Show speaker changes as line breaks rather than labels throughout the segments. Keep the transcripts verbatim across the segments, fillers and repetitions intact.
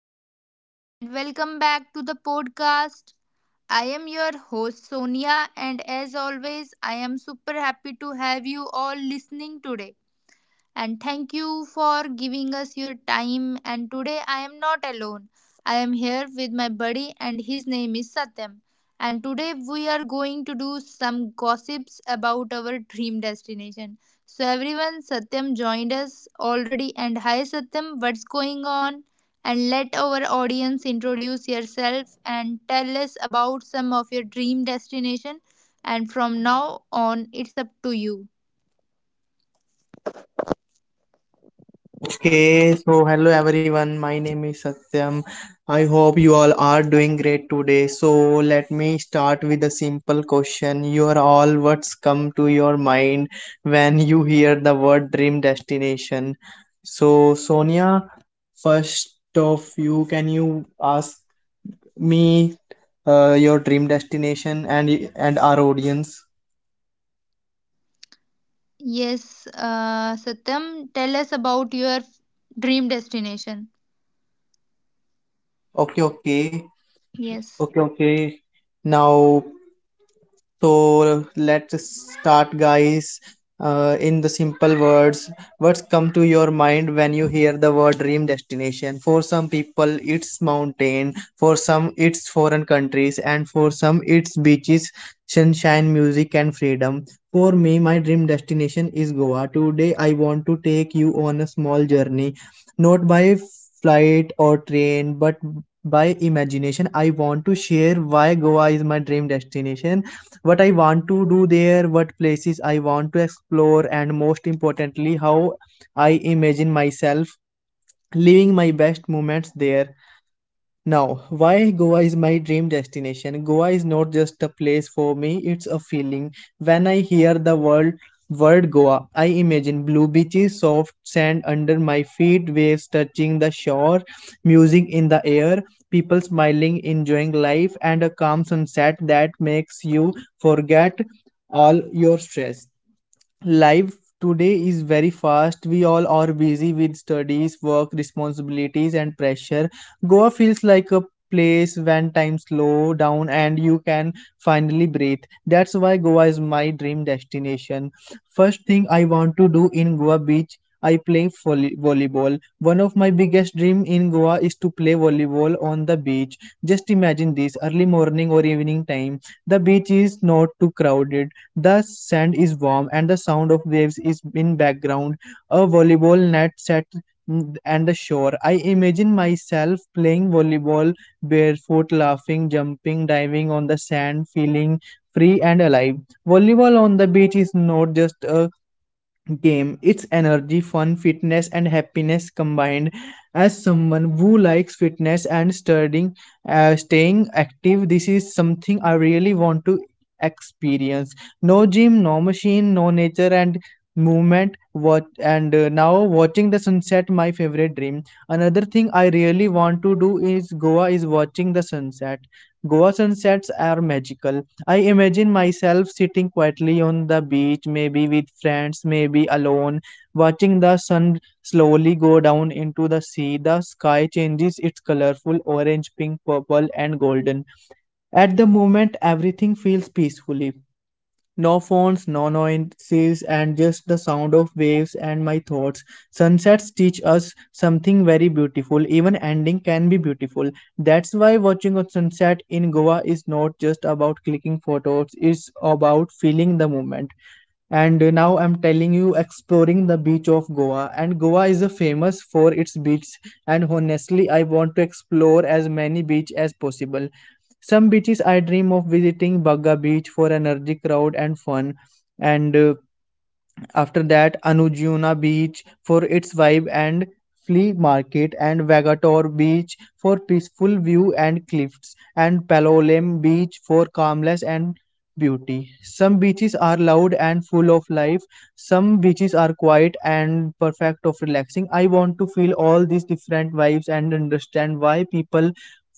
everyone, and welcome back to the podcast. I am your host Sonia, and as always, I am super happy to have you all listening today and thank you for giving us your time. And today I am not alone. I am here with my buddy, and his name is Satyam. And today we are going to do some gossips about our dream destination. So, everyone, Satyam joined us already. And hi, Satyam, what's going on? And let our audience introduce yourself and tell us about some of your dream destination. And from now on, it's up to you.
Okay, so hello everyone. My name is Satyam. I hope you all are doing great today. So let me start with a simple question. You are all what's come to your mind when you hear the word dream destination. So Sonia, first of you, can you ask me uh, your dream destination and and our audience?
Yes, uh, Satyam, tell us about your dream destination.
Okay, okay.
Yes.
Okay, okay. Now So let's start, guys. Uh, in the simple words, what's come to your mind when you hear the word dream destination? For some people, it's mountain. For some, it's foreign countries, and for some, it's beaches, sunshine, music, and freedom. For me, my dream destination is Goa. Today, I want to take you on a small journey, not by flight or train, but by imagination. I want to share why Goa is my dream destination, what I want to do there, what places I want to explore, and most importantly, how I imagine myself living my best moments there. Now, why Goa is my dream destination? Goa is not just a place for me, it's a feeling. When I hear the word, word Goa, I imagine blue beaches, soft sand under my feet, waves touching the shore, music in the air, people smiling, enjoying life, and a calm sunset that makes you forget all your stress. Life today is very fast. We all are busy with studies, work, responsibilities, and pressure. Goa feels like a place when time slow down and you can finally breathe. That's why Goa is my dream destination. First thing I want to do in Goa beach, I play volley- volleyball. One of my biggest dream in Goa is to play volleyball on the beach. Just imagine this early morning or evening time, the beach is not too crowded, the sand is warm, and the sound of waves is in background. A volleyball net set mm, and the shore. I imagine myself playing volleyball barefoot, laughing, jumping, diving on the sand, feeling free and alive. Volleyball on the beach is not just a game. It's energy, fun, fitness, and happiness combined. As someone who likes fitness and studying, uh, staying active, this is something I really want to experience. No gym, no machine, no nature, and movement. What and uh, now watching the sunset, my favorite dream. Another thing I really want to do is Goa is watching the sunset. Goa sunsets are magical. I imagine myself sitting quietly on the beach, maybe with friends, maybe alone, watching the sun slowly go down into the sea. The sky changes its colorful orange, pink, purple, and golden. At the moment, everything feels peacefully, no phones, no noises, and just the sound of waves and my thoughts. Sunsets teach us something very beautiful. Even ending can be beautiful. That's why watching a sunset in Goa is not just about clicking photos, it's about feeling the moment. And uh, now I'm telling you exploring the beach of Goa, and Goa is uh, famous for its beaches. And honestly I want to explore as many beaches as possible. Some beaches I dream of visiting, Bagga Beach for energy crowd and fun, and uh, after that, Anujuna Beach for its vibe and flea market, and Vagator Beach for peaceful view and cliffs, and Palolem Beach for calmness and beauty. Some beaches are loud and full of life, some beaches are quiet and perfect of relaxing. I want to feel all these different vibes and understand why people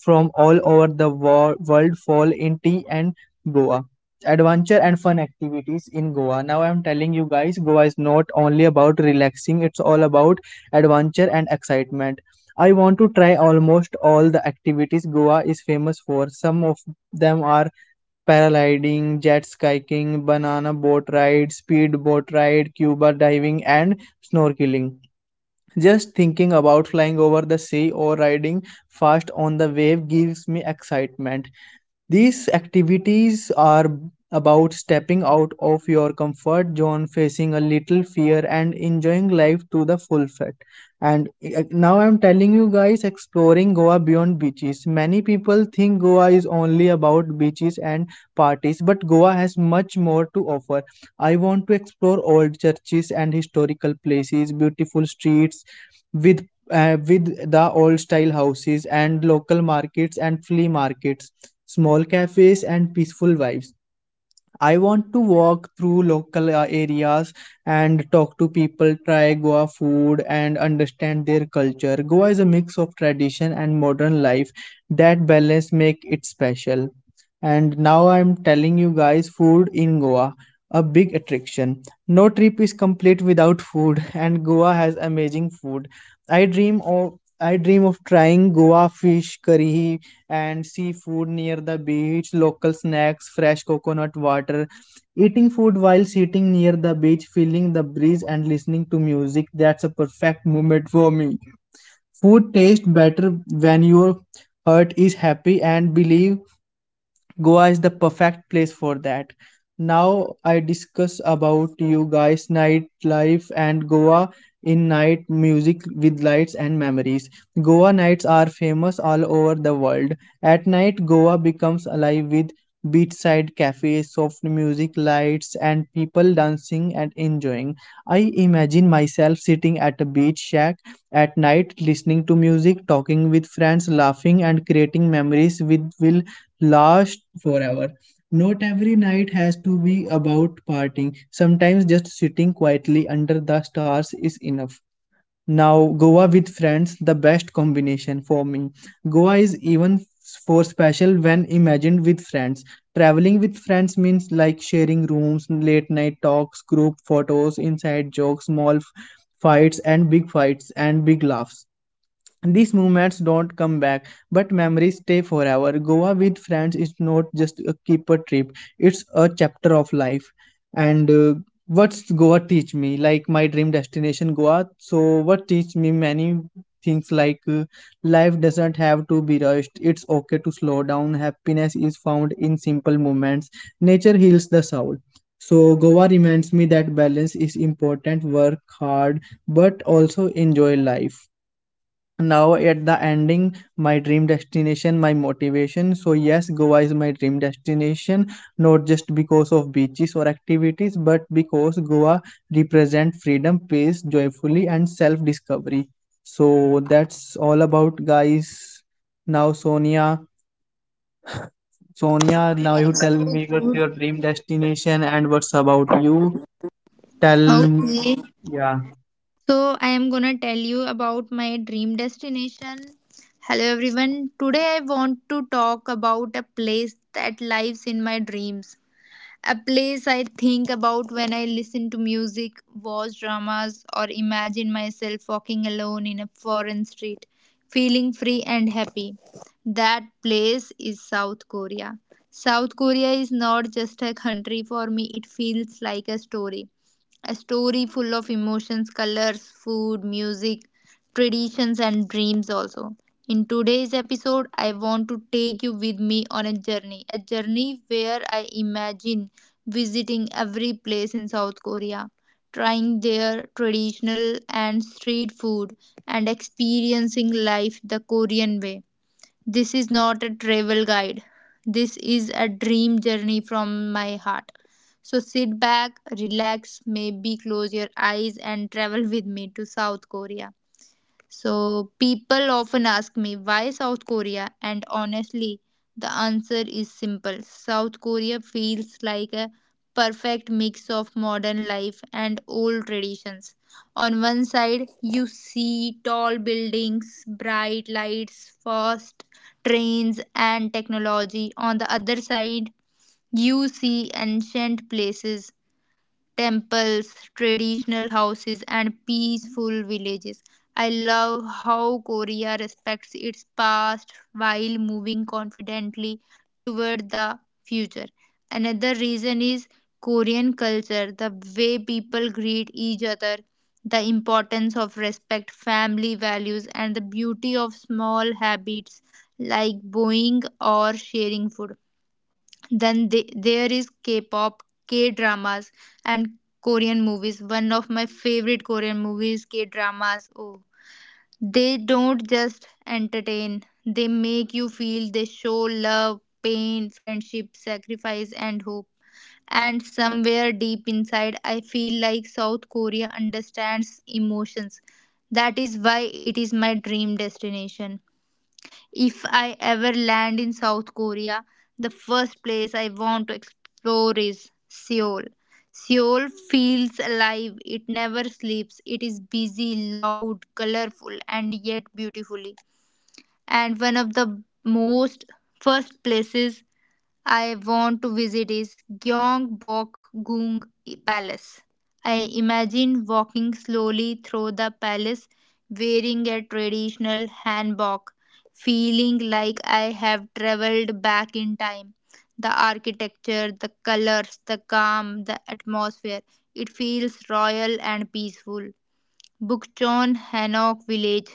from all over the wor- world fall in tea and Goa. Adventure and fun activities in Goa. Now I'm telling you guys, Goa is not only about relaxing, it's all about adventure and excitement. I want to try almost all the activities Goa is famous for. Some of them are paragliding, jet skiing, banana boat ride, speed boat ride, scuba diving, and snorkeling. Just thinking about flying over the sea or riding fast on the wave gives me excitement. These activities are about stepping out of your comfort zone, facing a little fear, and enjoying life to the full fat. And uh, now I'm telling you guys, exploring Goa beyond beaches. Many people think Goa is only about beaches and parties, but Goa has much more to offer. I want to explore old churches and historical places, beautiful streets with uh, with the old style houses and local markets and flea markets, small cafes and peaceful vibes. I want to walk through local uh, areas and talk to people, try Goa food and understand their culture. Goa is a mix of tradition and modern life. That balance make it special. And now I'm telling you guys food in Goa, a big attraction. No trip is complete without food and Goa has amazing food. I dream of I dream of trying Goa fish curry and seafood near the beach, local snacks, fresh coconut water, eating food while sitting near the beach, feeling the breeze and listening to music. That's a perfect moment for me. Food tastes better when your heart is happy, and believe Goa is the perfect place for that. Now I discuss about you guys nightlife and Goa in night, music with lights and memories. Goa nights are famous all over the world. At night Goa becomes alive with beachside cafes, soft music, lights and people dancing and enjoying. I imagine myself sitting at a beach shack at night listening to music, talking with friends, laughing and creating memories with will last forever. Not every night has to be about partying. Sometimes just sitting quietly under the stars is enough. Now, Goa with friends, the best combination for me. Goa is even f- for special when imagined with friends. Traveling with friends means like sharing rooms, late night talks, group photos, inside jokes, small f- fights, and big fights and big laughs. These moments don't come back, but memories stay forever. Goa with friends is not just a keeper trip, it's a chapter of life. And uh, what's Goa teach me? Like my dream destination, Goa. So, what teach me many things like uh, life doesn't have to be rushed, it's okay to slow down. Happiness is found in simple moments, nature heals the soul. So, Goa reminds me that balance is important, work hard, but also enjoy life. Now at the ending, my dream destination, my motivation. So yes, Goa is my dream destination, not just because of beaches or activities, but because Goa represent freedom, peace, joyfully, and self discovery. So that's all about guys. Now Sonia, Sonia now you tell me what's your dream destination and what's about you, tell.
Okay,
Yeah,
so I am gonna tell you about my dream destination. Hello everyone. Today I want to talk about a place that lives in my dreams. A place I think about when I listen to music, watch dramas, or imagine myself walking alone in a foreign street, feeling free and happy. That place is South Korea. South Korea is not just a country for me, it feels like a story. A story full of emotions, colors, food, music, traditions, and dreams also. In today's episode, I want to take you with me on a journey, a journey where I imagine visiting every place in South Korea, trying their traditional and street food, and experiencing life the Korean way. This is not a travel guide. This is a dream journey from my heart. So sit back, relax, maybe close your eyes and travel with me to South Korea. So people often ask me why South Korea, and honestly, the answer is simple. South Korea feels like a perfect mix of modern life and old traditions. On one side, you see tall buildings, bright lights, fast trains, and technology. On the other side, you see ancient places, temples, traditional houses, and peaceful villages. I love how Korea respects its past while moving confidently toward the future. Another reason is Korean culture, the way people greet each other, the importance of respect, family values, and the beauty of small habits like bowing or sharing food. Then the, there is k-pop, k-dramas, and korean movies. One of my favorite korean movies k-dramas. Oh, they don't just entertain, they make you feel. They show love, pain, friendship, sacrifice, and hope. And somewhere deep inside, I feel like South Korea understands emotions. That is why it is my dream destination. If I ever land in South Korea, the first place I want to explore is Seoul. Seoul feels alive, it never sleeps, it is busy, loud, colorful, and yet beautifully. And one of the most first places I want to visit is Gyeongbokgung Palace. I imagine walking slowly through the palace wearing a traditional hanbok, feeling like I have traveled back in time. The architecture, the colors, the calm, the atmosphere, it feels royal and peaceful. Bukchon Hanok village,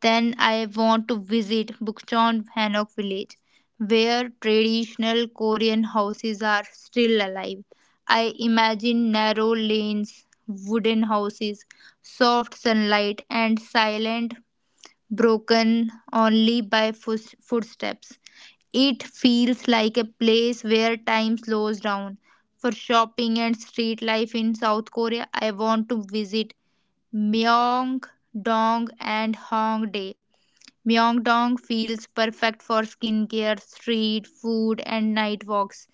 then I want to visit Bukchon Hanok village, where traditional Korean houses are still alive. I imagine narrow lanes, wooden houses, soft sunlight, and silent, broken only by foot- footsteps. It feels like a place where time slows down. For shopping and street life in South Korea, I want to visit Myeongdong and Hongdae. Myeongdong feels perfect for skincare, street food, and night walks.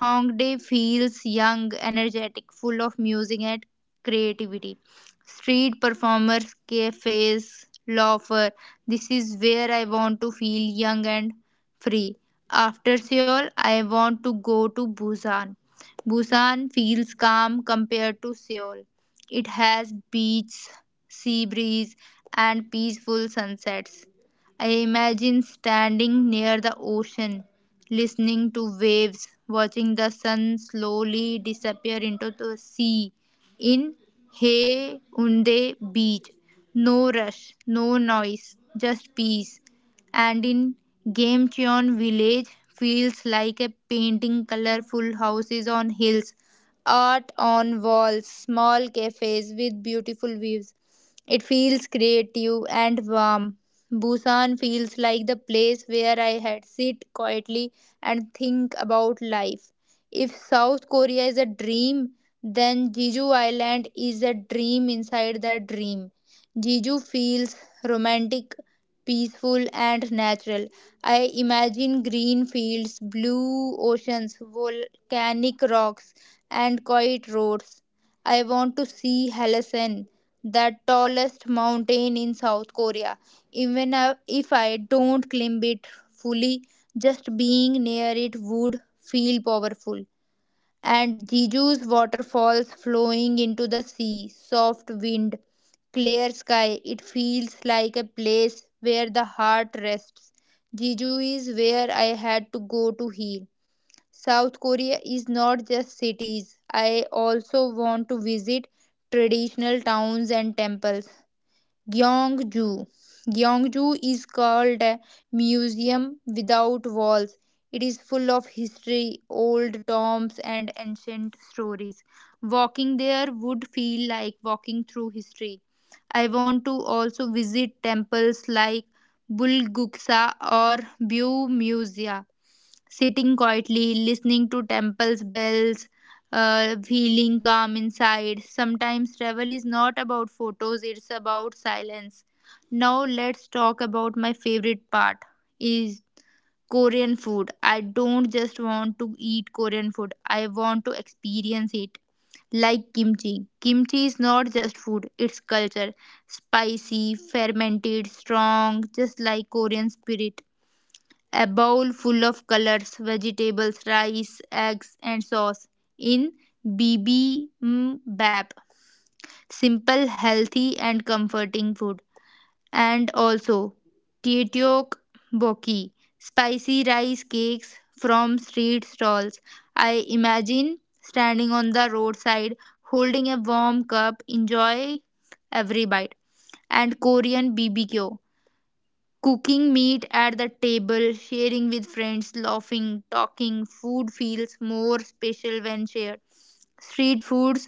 Hongdae feels young, energetic, full of music and creativity. Street performers, cafes, loafer. This is where I want to feel young and free. After Seoul, I want to go to Busan. Busan feels calm compared to Seoul. It has beach, sea breeze, and peaceful sunsets. I imagine standing near the ocean listening to waves, watching the sun slowly disappear into the sea. In Haeundae Beach, no rush, no noise, just peace. And in Gamcheon Village, feels like a painting, colorful houses on hills, art on walls, small cafes with beautiful views. It feels creative and warm. Busan feels like the place where I had sit quietly and think about life. If South Korea is a dream, then Jeju Island is a dream inside the dream. Jeju feels romantic, peaceful, and natural. I imagine green fields, blue oceans, volcanic rocks, and quiet roads. I want to see Halasan, the tallest mountain in South Korea. Even I- if I don't claim it fully, just being near it would feel powerful. And Jeju's waterfalls flowing into the sea, soft wind, clear sky, it feels like a place where the heart rests. Jeju is where I had to go to heal. South Korea is not just cities. I also want to visit traditional towns and temples. Gyeongju. Gyeongju is called a museum without walls. It is full of history, old tombs, and ancient stories. Walking there would feel like walking through history. I want to also visit temples like Bulguksa or Byu, sitting quietly, listening to temple's bells, uh, feeling calm inside. Sometimes travel is not about photos, it's about silence. Now let's talk about my favorite part is Korean food. I don't just want to eat Korean food, I want to experience it. Like kimchi. Kimchi is not just food, it's culture. Spicy, fermented, strong, just like Korean spirit. A bowl full of colors, vegetables, rice, eggs, and sauce in bibimbap. Simple, healthy, and comforting food. And also, Tietok Boki, spicy rice cakes from street stalls. I imagine standing on the roadside, holding a warm cup, enjoy every bite. And Korean B B Q, cooking meat at the table, sharing with friends, laughing, talking, food feels more special when shared. Street foods,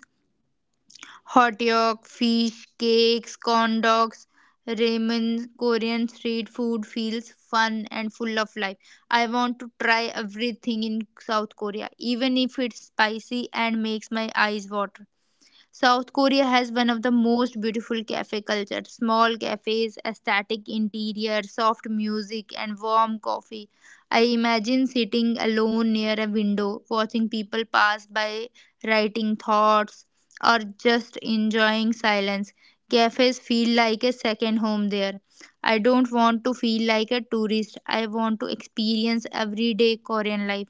hot dog, fish, cakes, corn dogs, ramen, Korean street food feels fun and full of life. I want to try everything in South Korea, even if it's spicy and makes my eyes water. South Korea has one of the most beautiful cafe culture. Small cafes, aesthetic interior, soft music, and warm coffee. I imagine sitting alone near a window, watching people pass by, writing thoughts, or just enjoying silence. Cafes feel like a second home there. I don't want to feel like a tourist. I want to experience everyday Korean life,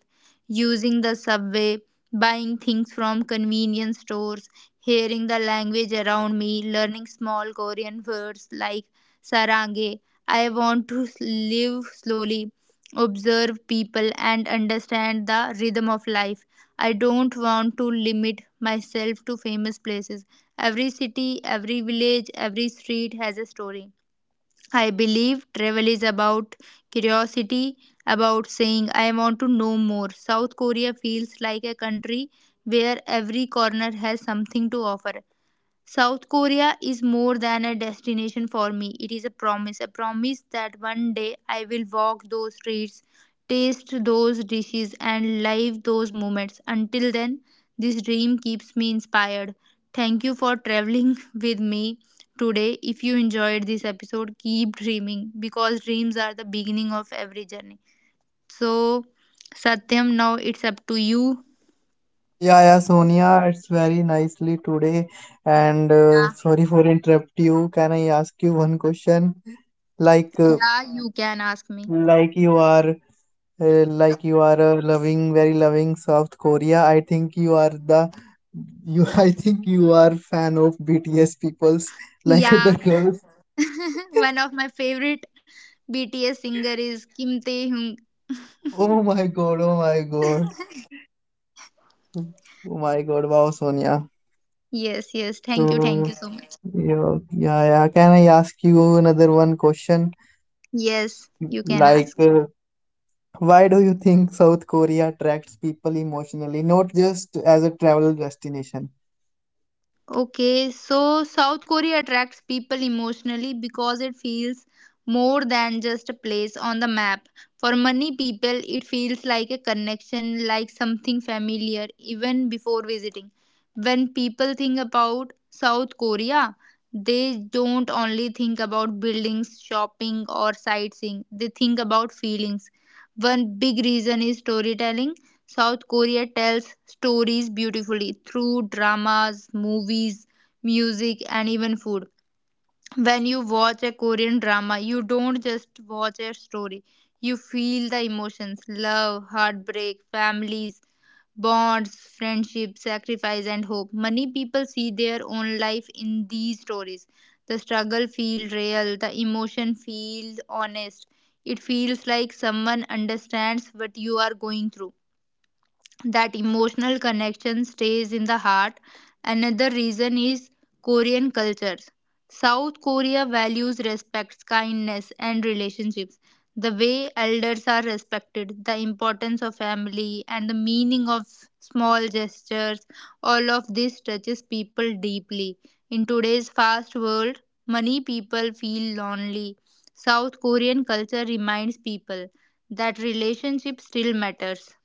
using the subway, buying things from convenience stores, hearing the language around me, learning small Korean words like sarange. I want to live slowly, observe people, and understand the rhythm of life. I don't want to limit myself to famous places. Every city, every village, every street has a story. I believe travel is about curiosity, about saying, I want to know more. South Korea feels like a country where every corner has something to offer. South Korea is more than a destination for me. It is a promise, a promise that one day I will walk those streets, taste those dishes, and live those moments. Until then, this dream keeps me inspired. Thank you for traveling with me today. If you enjoyed this episode, keep dreaming because dreams are the beginning of every journey. So, Satyam, now it's up to you.
yeah, yeah, Sonia, it's very nicely today. And uh,
Yeah,
sorry for interrupt you. Can I ask you one question? Like, uh,
yeah you can ask me.
like you are, uh, like you are a loving, very loving South Korea. I think you are the, you. I think you are fan of B T S peoples, like other
Yeah,
girls.
one of my favorite B T S singer is Kim Tae Hyung.
Oh my God! Oh my God! Oh my God! Wow, Sonia.
Yes, yes. Thank you, thank
So,
you so much.
yeah, yeah, yeah. Can I ask you another one question?
Yes, you can
Like,
ask.
uh, why do you think South Korea attracts people emotionally, not just as a travel destination?
Okay, so South Korea attracts people emotionally because it feels more than just a place on the map. For many people, it feels like a connection, like something familiar, even before visiting. When people think about South Korea, they don't only think about buildings, shopping, or sightseeing, they think about feelings. One big reason is storytelling. South Korea tells stories beautifully through dramas, movies, music, and even food. When you watch a Korean drama, you don't just watch a story, you feel the emotions, love, heartbreak, families, bonds, friendship, sacrifice, and hope. Many people see their own life in these stories. The struggle feels real, the emotion feels honest. It feels like someone understands what you are going through, that emotional connection stays in the heart. Another reason is Korean cultures. South Korea values respect, kindness, and relationships. The way elders are respected, the importance of family, and the meaning of small gestures, all of this touches people deeply. In today's fast world, many people feel lonely. South Korean culture reminds people that relationship still matters,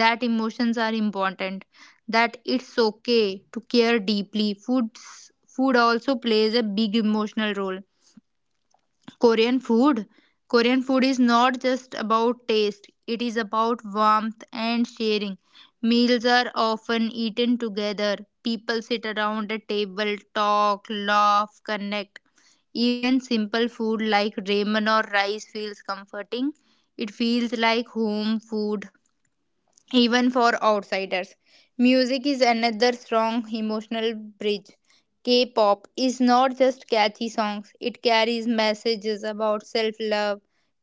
that emotions are important, that it's okay to care deeply. Foods food also plays a big emotional role. korean food Korean food is not just about taste, it is about warmth and sharing. Meals are often eaten together. People sit around a table, talk, laugh, connect. Even simple food like ramen or rice feels comforting. It feels like home food, even for outsiders. Music is another strong emotional bridge. K pop is not just catchy songs, it carries messages about self love,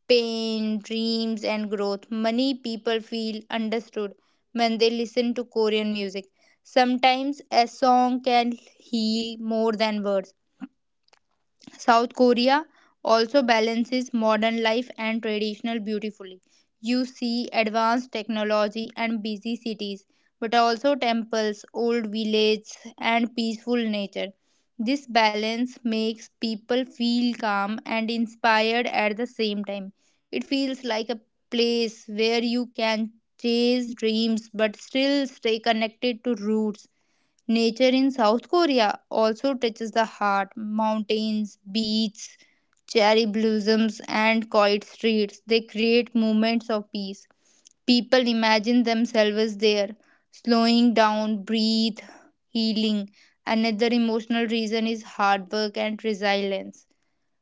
pain, dreams, and growth. Many people feel understood when they listen to Korean music. Sometimes a song can heal more than words. South Korea also balances modern life and traditional beautifully. You see advanced technology and busy cities, but also temples, old villages, and peaceful nature. This balance makes people feel calm and inspired at the same time. It feels like a place where you can chase dreams but still stay connected to roots. Nature in South Korea also touches the heart. Mountains, beaches, cherry blossoms, and quiet streets. They create moments of peace. People imagine themselves there, slowing down, breathe, healing. Another emotional reason is hard work and resilience.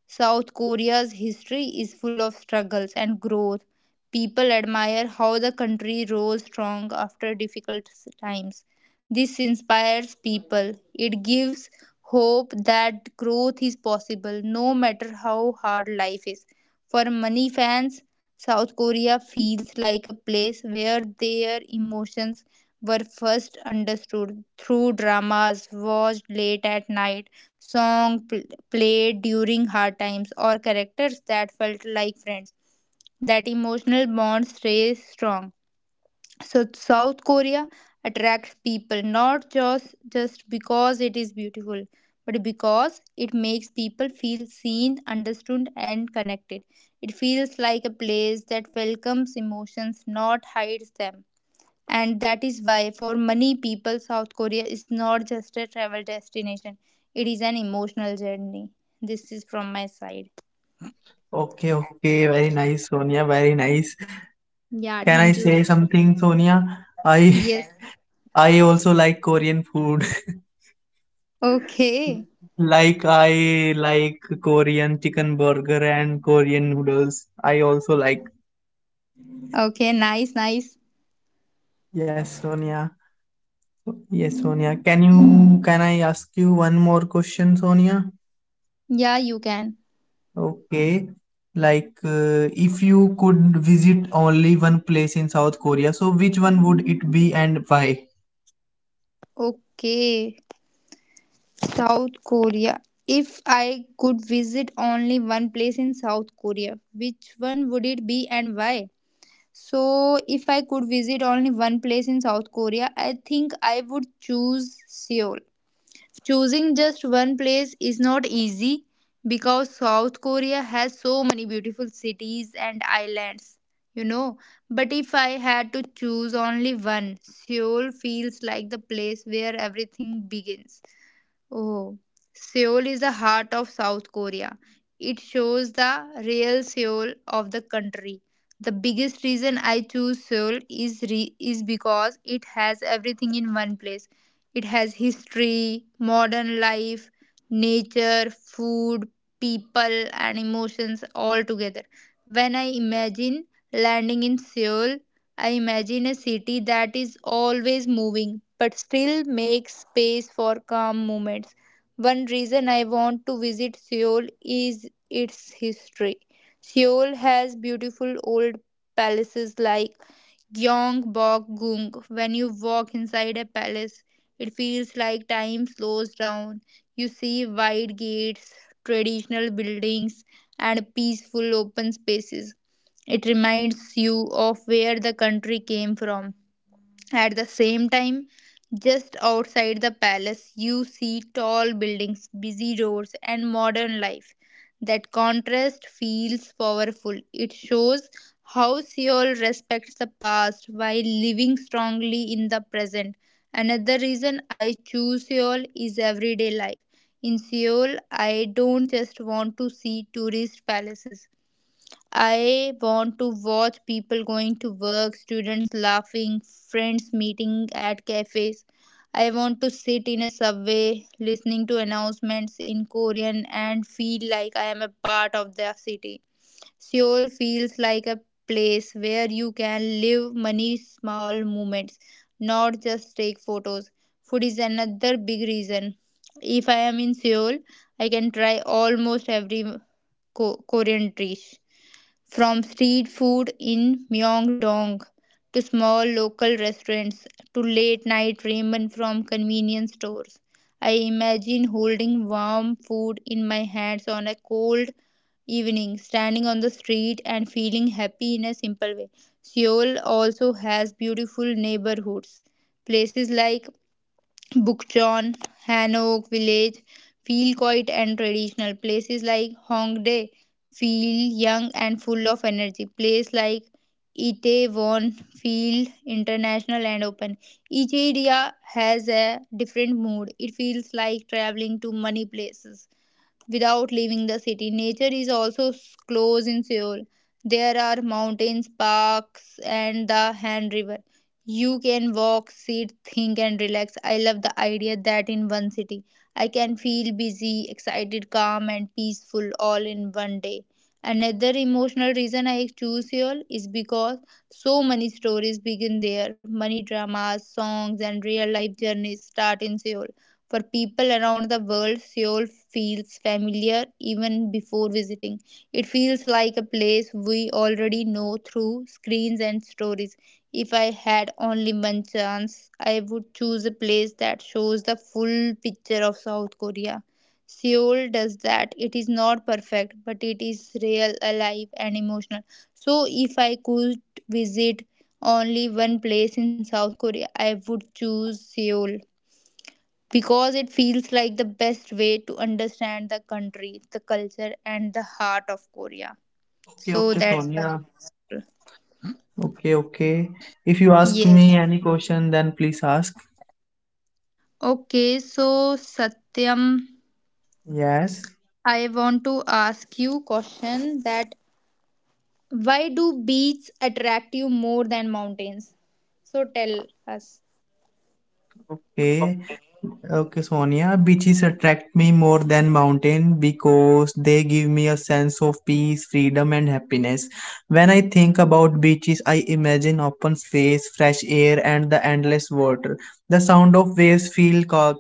South Korea's history is full of struggles and growth. People admire how the country rose strong after difficult s- times. This inspires people. It gives hope that growth is possible no matter how hard life is. For many fans, South Korea feels like a place where their emotions were first understood through dramas watched late at night, song played during hard times, or characters that felt like friends. That emotional bond stays strong. So South Korea attracts people not just just because it is beautiful, but because it makes people feel seen, understood, and connected. It feels like a place that welcomes emotions, not hides them. And that is why, for many people, South Korea is not just a travel destination, it is an emotional journey. This is from my side.
Okay, okay, very nice, Sonia, very nice.
Yeah,
Can I
thank you
say
so much.
something, Sonia? I
Yes.
I also like Korean food.
Okay.
Like I like Korean chicken burger and Korean noodles, I also like.
Okay. Nice. Nice.
Yes, Sonia. Yes, Sonia. Can you can I ask you one more question, Sonia?
Yeah, you can.
Okay. Like, uh, if you could visit only one place in South Korea, so which one would it be and why?
Okay. South Korea. If I could visit only one place in South Korea, which one would it be and why? So, if I could visit only one place in South Korea, I think I would choose Seoul. Choosing just one place is not easy because South Korea has so many beautiful cities and islands, you know. But if I had to choose only one, Seoul feels like the place where everything begins. Oh, Seoul is the heart of South Korea. It shows the real Seoul of the country. The biggest reason I choose Seoul is re- is because it has everything in one place. It has history, modern life, nature, food, people and emotions all together. When I imagine landing in Seoul, I imagine a city that is always moving but still makes space for calm moments. One reason I want to visit Seoul is its history. Seoul has beautiful old palaces like Gyeongbokgung. When you walk inside a palace, it feels like time slows down. You see wide gates, traditional buildings, and peaceful open spaces. It reminds you of where the country came from. At the same time, just outside the palace, you see tall buildings, busy roads, and modern life. That contrast feels powerful. It shows how Seoul respects the past while living strongly in the present. Another reason I choose Seoul is everyday life. In Seoul, I don't just want to see tourist palaces. I want to watch people going to work, students laughing, friends meeting at cafes. I want to sit in a subway listening to announcements in Korean and feel like I am a part of the city. Seoul feels like a place where you can live many small moments, not just take photos. Food is another big reason. If I am in Seoul, I can try almost every Ko- Korean dish. From street food in Myeongdong to small local restaurants to late night ramen from convenience stores, I imagine holding warm food in my hands on a cold evening, standing on the street and feeling happy in a simple way. Seoul also has beautiful neighborhoods. Places like Bukchon, Hanok Village feel quiet and traditional. Places like Hongdae feel young and full of energy. Places like Itaewon feel international and open. Each area has a different mood. It feels like traveling to many places without leaving the city. Nature is also close in Seoul. There are mountains, parks, and the Han River. You can walk, sit, think, and relax. I love the idea that in one city I can feel busy, excited, calm, and peaceful all in one day. Another emotional reason I choose Seoul is because so many stories begin there. Many dramas, songs, and real life journeys start in Seoul. For people around the world, Seoul feels familiar even before visiting. It feels like a place we already know through screens and stories. If I had only one chance, I would choose a place that shows the full picture of South Korea. Seoul does that. It is not perfect, but it is real, alive, and emotional. So, if I could visit only one place in South Korea, I would choose Seoul because it feels like the best way to understand the country, the culture, and the heart of Korea.
Okay,
So
okay,
that's why.
Sonia. Okay, okay. If you ask
Yes.
me any question, then please ask.
Okay. So Satyam,
Yes.
I want to ask you question that why do beaches attract you more than mountains? So tell us.
Okay. Okay, Sonia, beaches attract me more than mountain because they give me a sense of peace, freedom, and happiness. When I think about beaches, I imagine open space, fresh air, and the endless water. The sound of waves feel ca-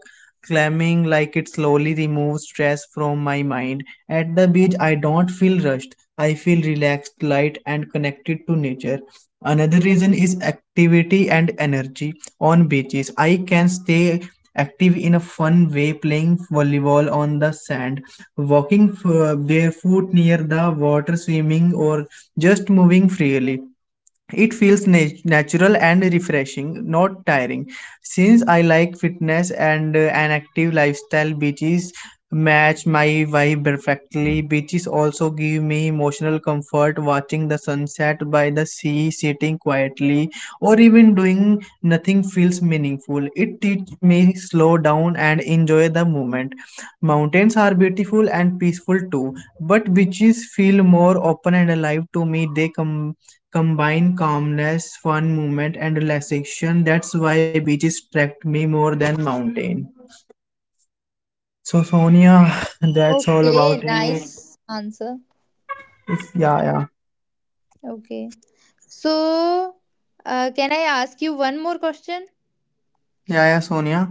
calming, like it slowly removes stress from my mind. At the beach, I don't feel rushed. I feel relaxed, light, and connected to nature. Another reason is activity and energy on beaches. I can stay active in a fun way, playing volleyball on the sand, walking f- barefoot near the water, swimming, or just moving freely. It feels nat- natural and refreshing, not tiring. Since I like fitness and uh, an active lifestyle, beaches match my vibe perfectly. Beaches also give me emotional comfort, watching the sunset by the sea, sitting quietly, or even doing nothing feels meaningful. It teaches me slow down and enjoy the moment. Mountains are beautiful and peaceful too, but beaches feel more open and alive to me. They come Combine calmness, fun movement, and relaxation. That's why beaches attract me more than mountain. So Sonia, that's all about
Okay.
it.
Nice answer.
If yeah, yeah,
Okay. So, uh, can I ask you one more question?
yeah, yeah, Sonia.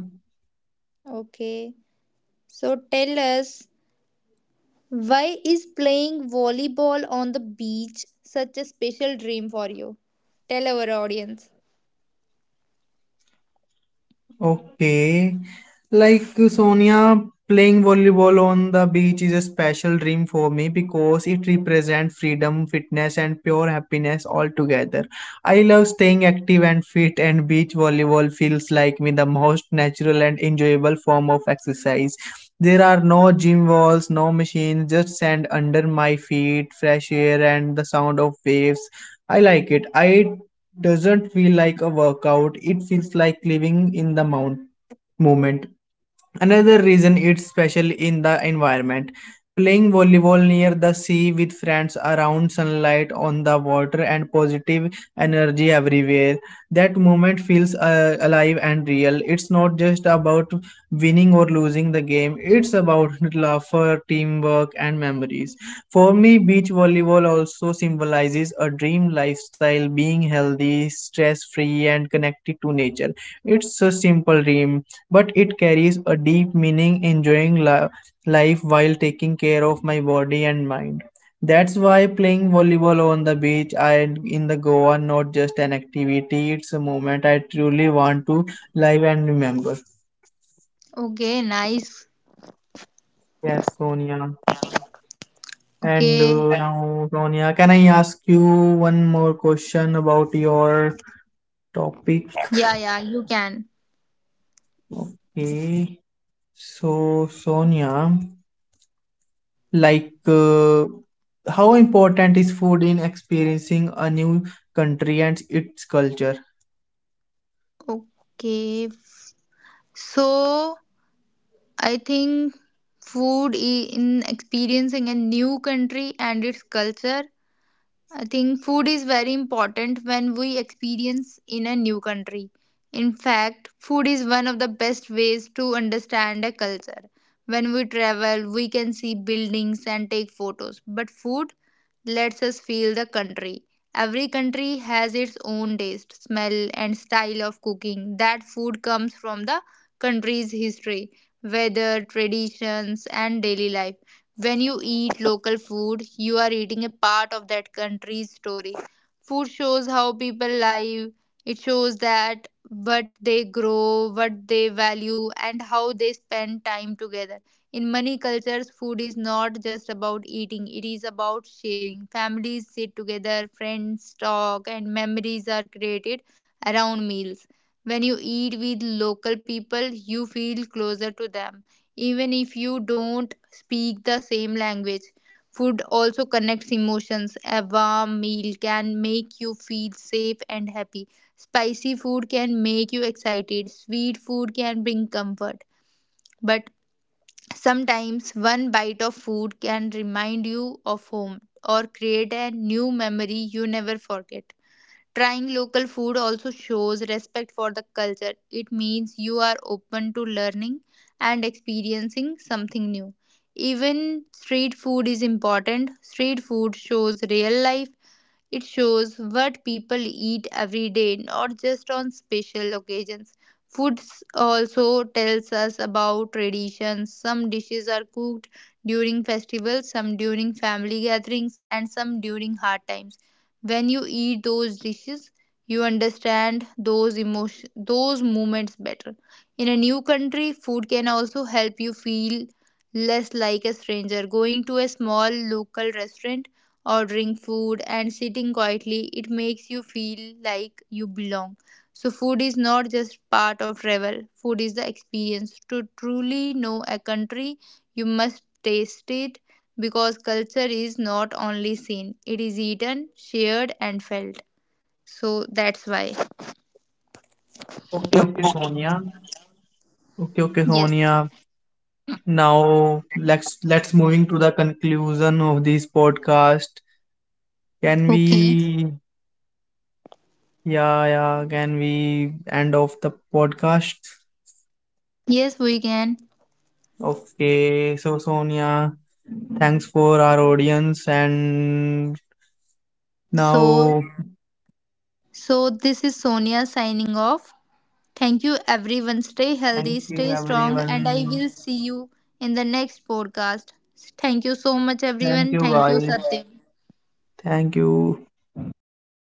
Okay. So tell us. Why is playing volleyball on the beach such a special dream for you? Tell our audience.
Okay. Like uh, Sonia, playing volleyball on the beach is a special dream for me because it represents freedom, fitness, and pure happiness all together. I love staying active and fit, and beach volleyball feels like me the most natural and enjoyable form of exercise. There are no gym walls, no machines, just sand under my feet, fresh air, and the sound of waves. I like it. I doesn't feel like a workout. It feels like living in the mount moment. Another reason it's special in the environment. Playing volleyball near the sea with friends around, sunlight on the water and positive energy everywhere. That moment feels uh, alive and real. It's not just about winning or losing the game, it's about laughter, teamwork, and memories. For me, beach volleyball also symbolizes a dream lifestyle, being healthy, stress free, and connected to nature. It's a simple dream, but it carries a deep meaning, enjoying li- life while taking care of my body and mind. That's why playing volleyball on the beach and in the Goa not just an activity, it's a moment I truly want to live and remember.
Okay, nice.
Yes, Sonia. And
Okay.
uh, now, Sonia, can I ask you one more question about your topic?
Yeah, yeah, you can.
Okay. So, Sonia, like uh, how important is food in experiencing a new country and its culture?
Okay. f- So, I think food i- in experiencing a new country and its culture, I think food is very important when we experience in a new country. In fact, food is one of the best ways to understand a culture. When we travel, we can see buildings and take photos, but food lets us feel the country. Every country has its own taste, smell, and style of cooking. That food comes from the country's history, weather, traditions, and daily life. When you eat local food, you are eating a part of that country's story. Food shows how people live, it shows that what they grow, what they value, and how they spend time together. In many cultures, food is not just about eating, it is about sharing. Families sit together, friends talk, and memories are created around meals. When you eat with local people, you feel closer to them, even if you don't speak the same language. Food also connects emotions. A warm meal can make you feel safe and happy. Spicy food can make you excited. Sweet food can bring comfort. But sometimes one bite of food can remind you of home or create a new memory you never forget. Trying local food also shows respect for the culture. It means you are open to learning and experiencing something new. Even street food is important. Street food shows real life, it shows what people eat every day, not just on special occasions. Food also tells us about traditions. Some dishes are cooked during festivals, some during family gatherings, and some during hard times. When you eat those dishes, you understand those emotion those moments better. In a new country, food can also help you feel less like a stranger. Going to a small local restaurant, ordering food and sitting quietly, it makes you feel like you belong. So, food is not just part of travel, food is the experience. To truly know a country, you must taste it because culture is not only seen, it is eaten, shared, and felt. So, that's why.
Okay, okay, Sonia. Okay, okay,
Yes.
Sonia. Now let's let's moving to the conclusion of this podcast, can
Okay.
we? Yeah, yeah, can we end off the podcast?
Yes, we can.
Okay, so Sonia, thanks for our audience. And
So,
now,
so this is Sonia signing off. Thank you, everyone. Stay healthy,
thank you
stay strong, and I
everyone,
will see you in the next podcast. Thank you so much,
thank
everyone.
you
Thank you,
guys.
Satyam.
Thank you.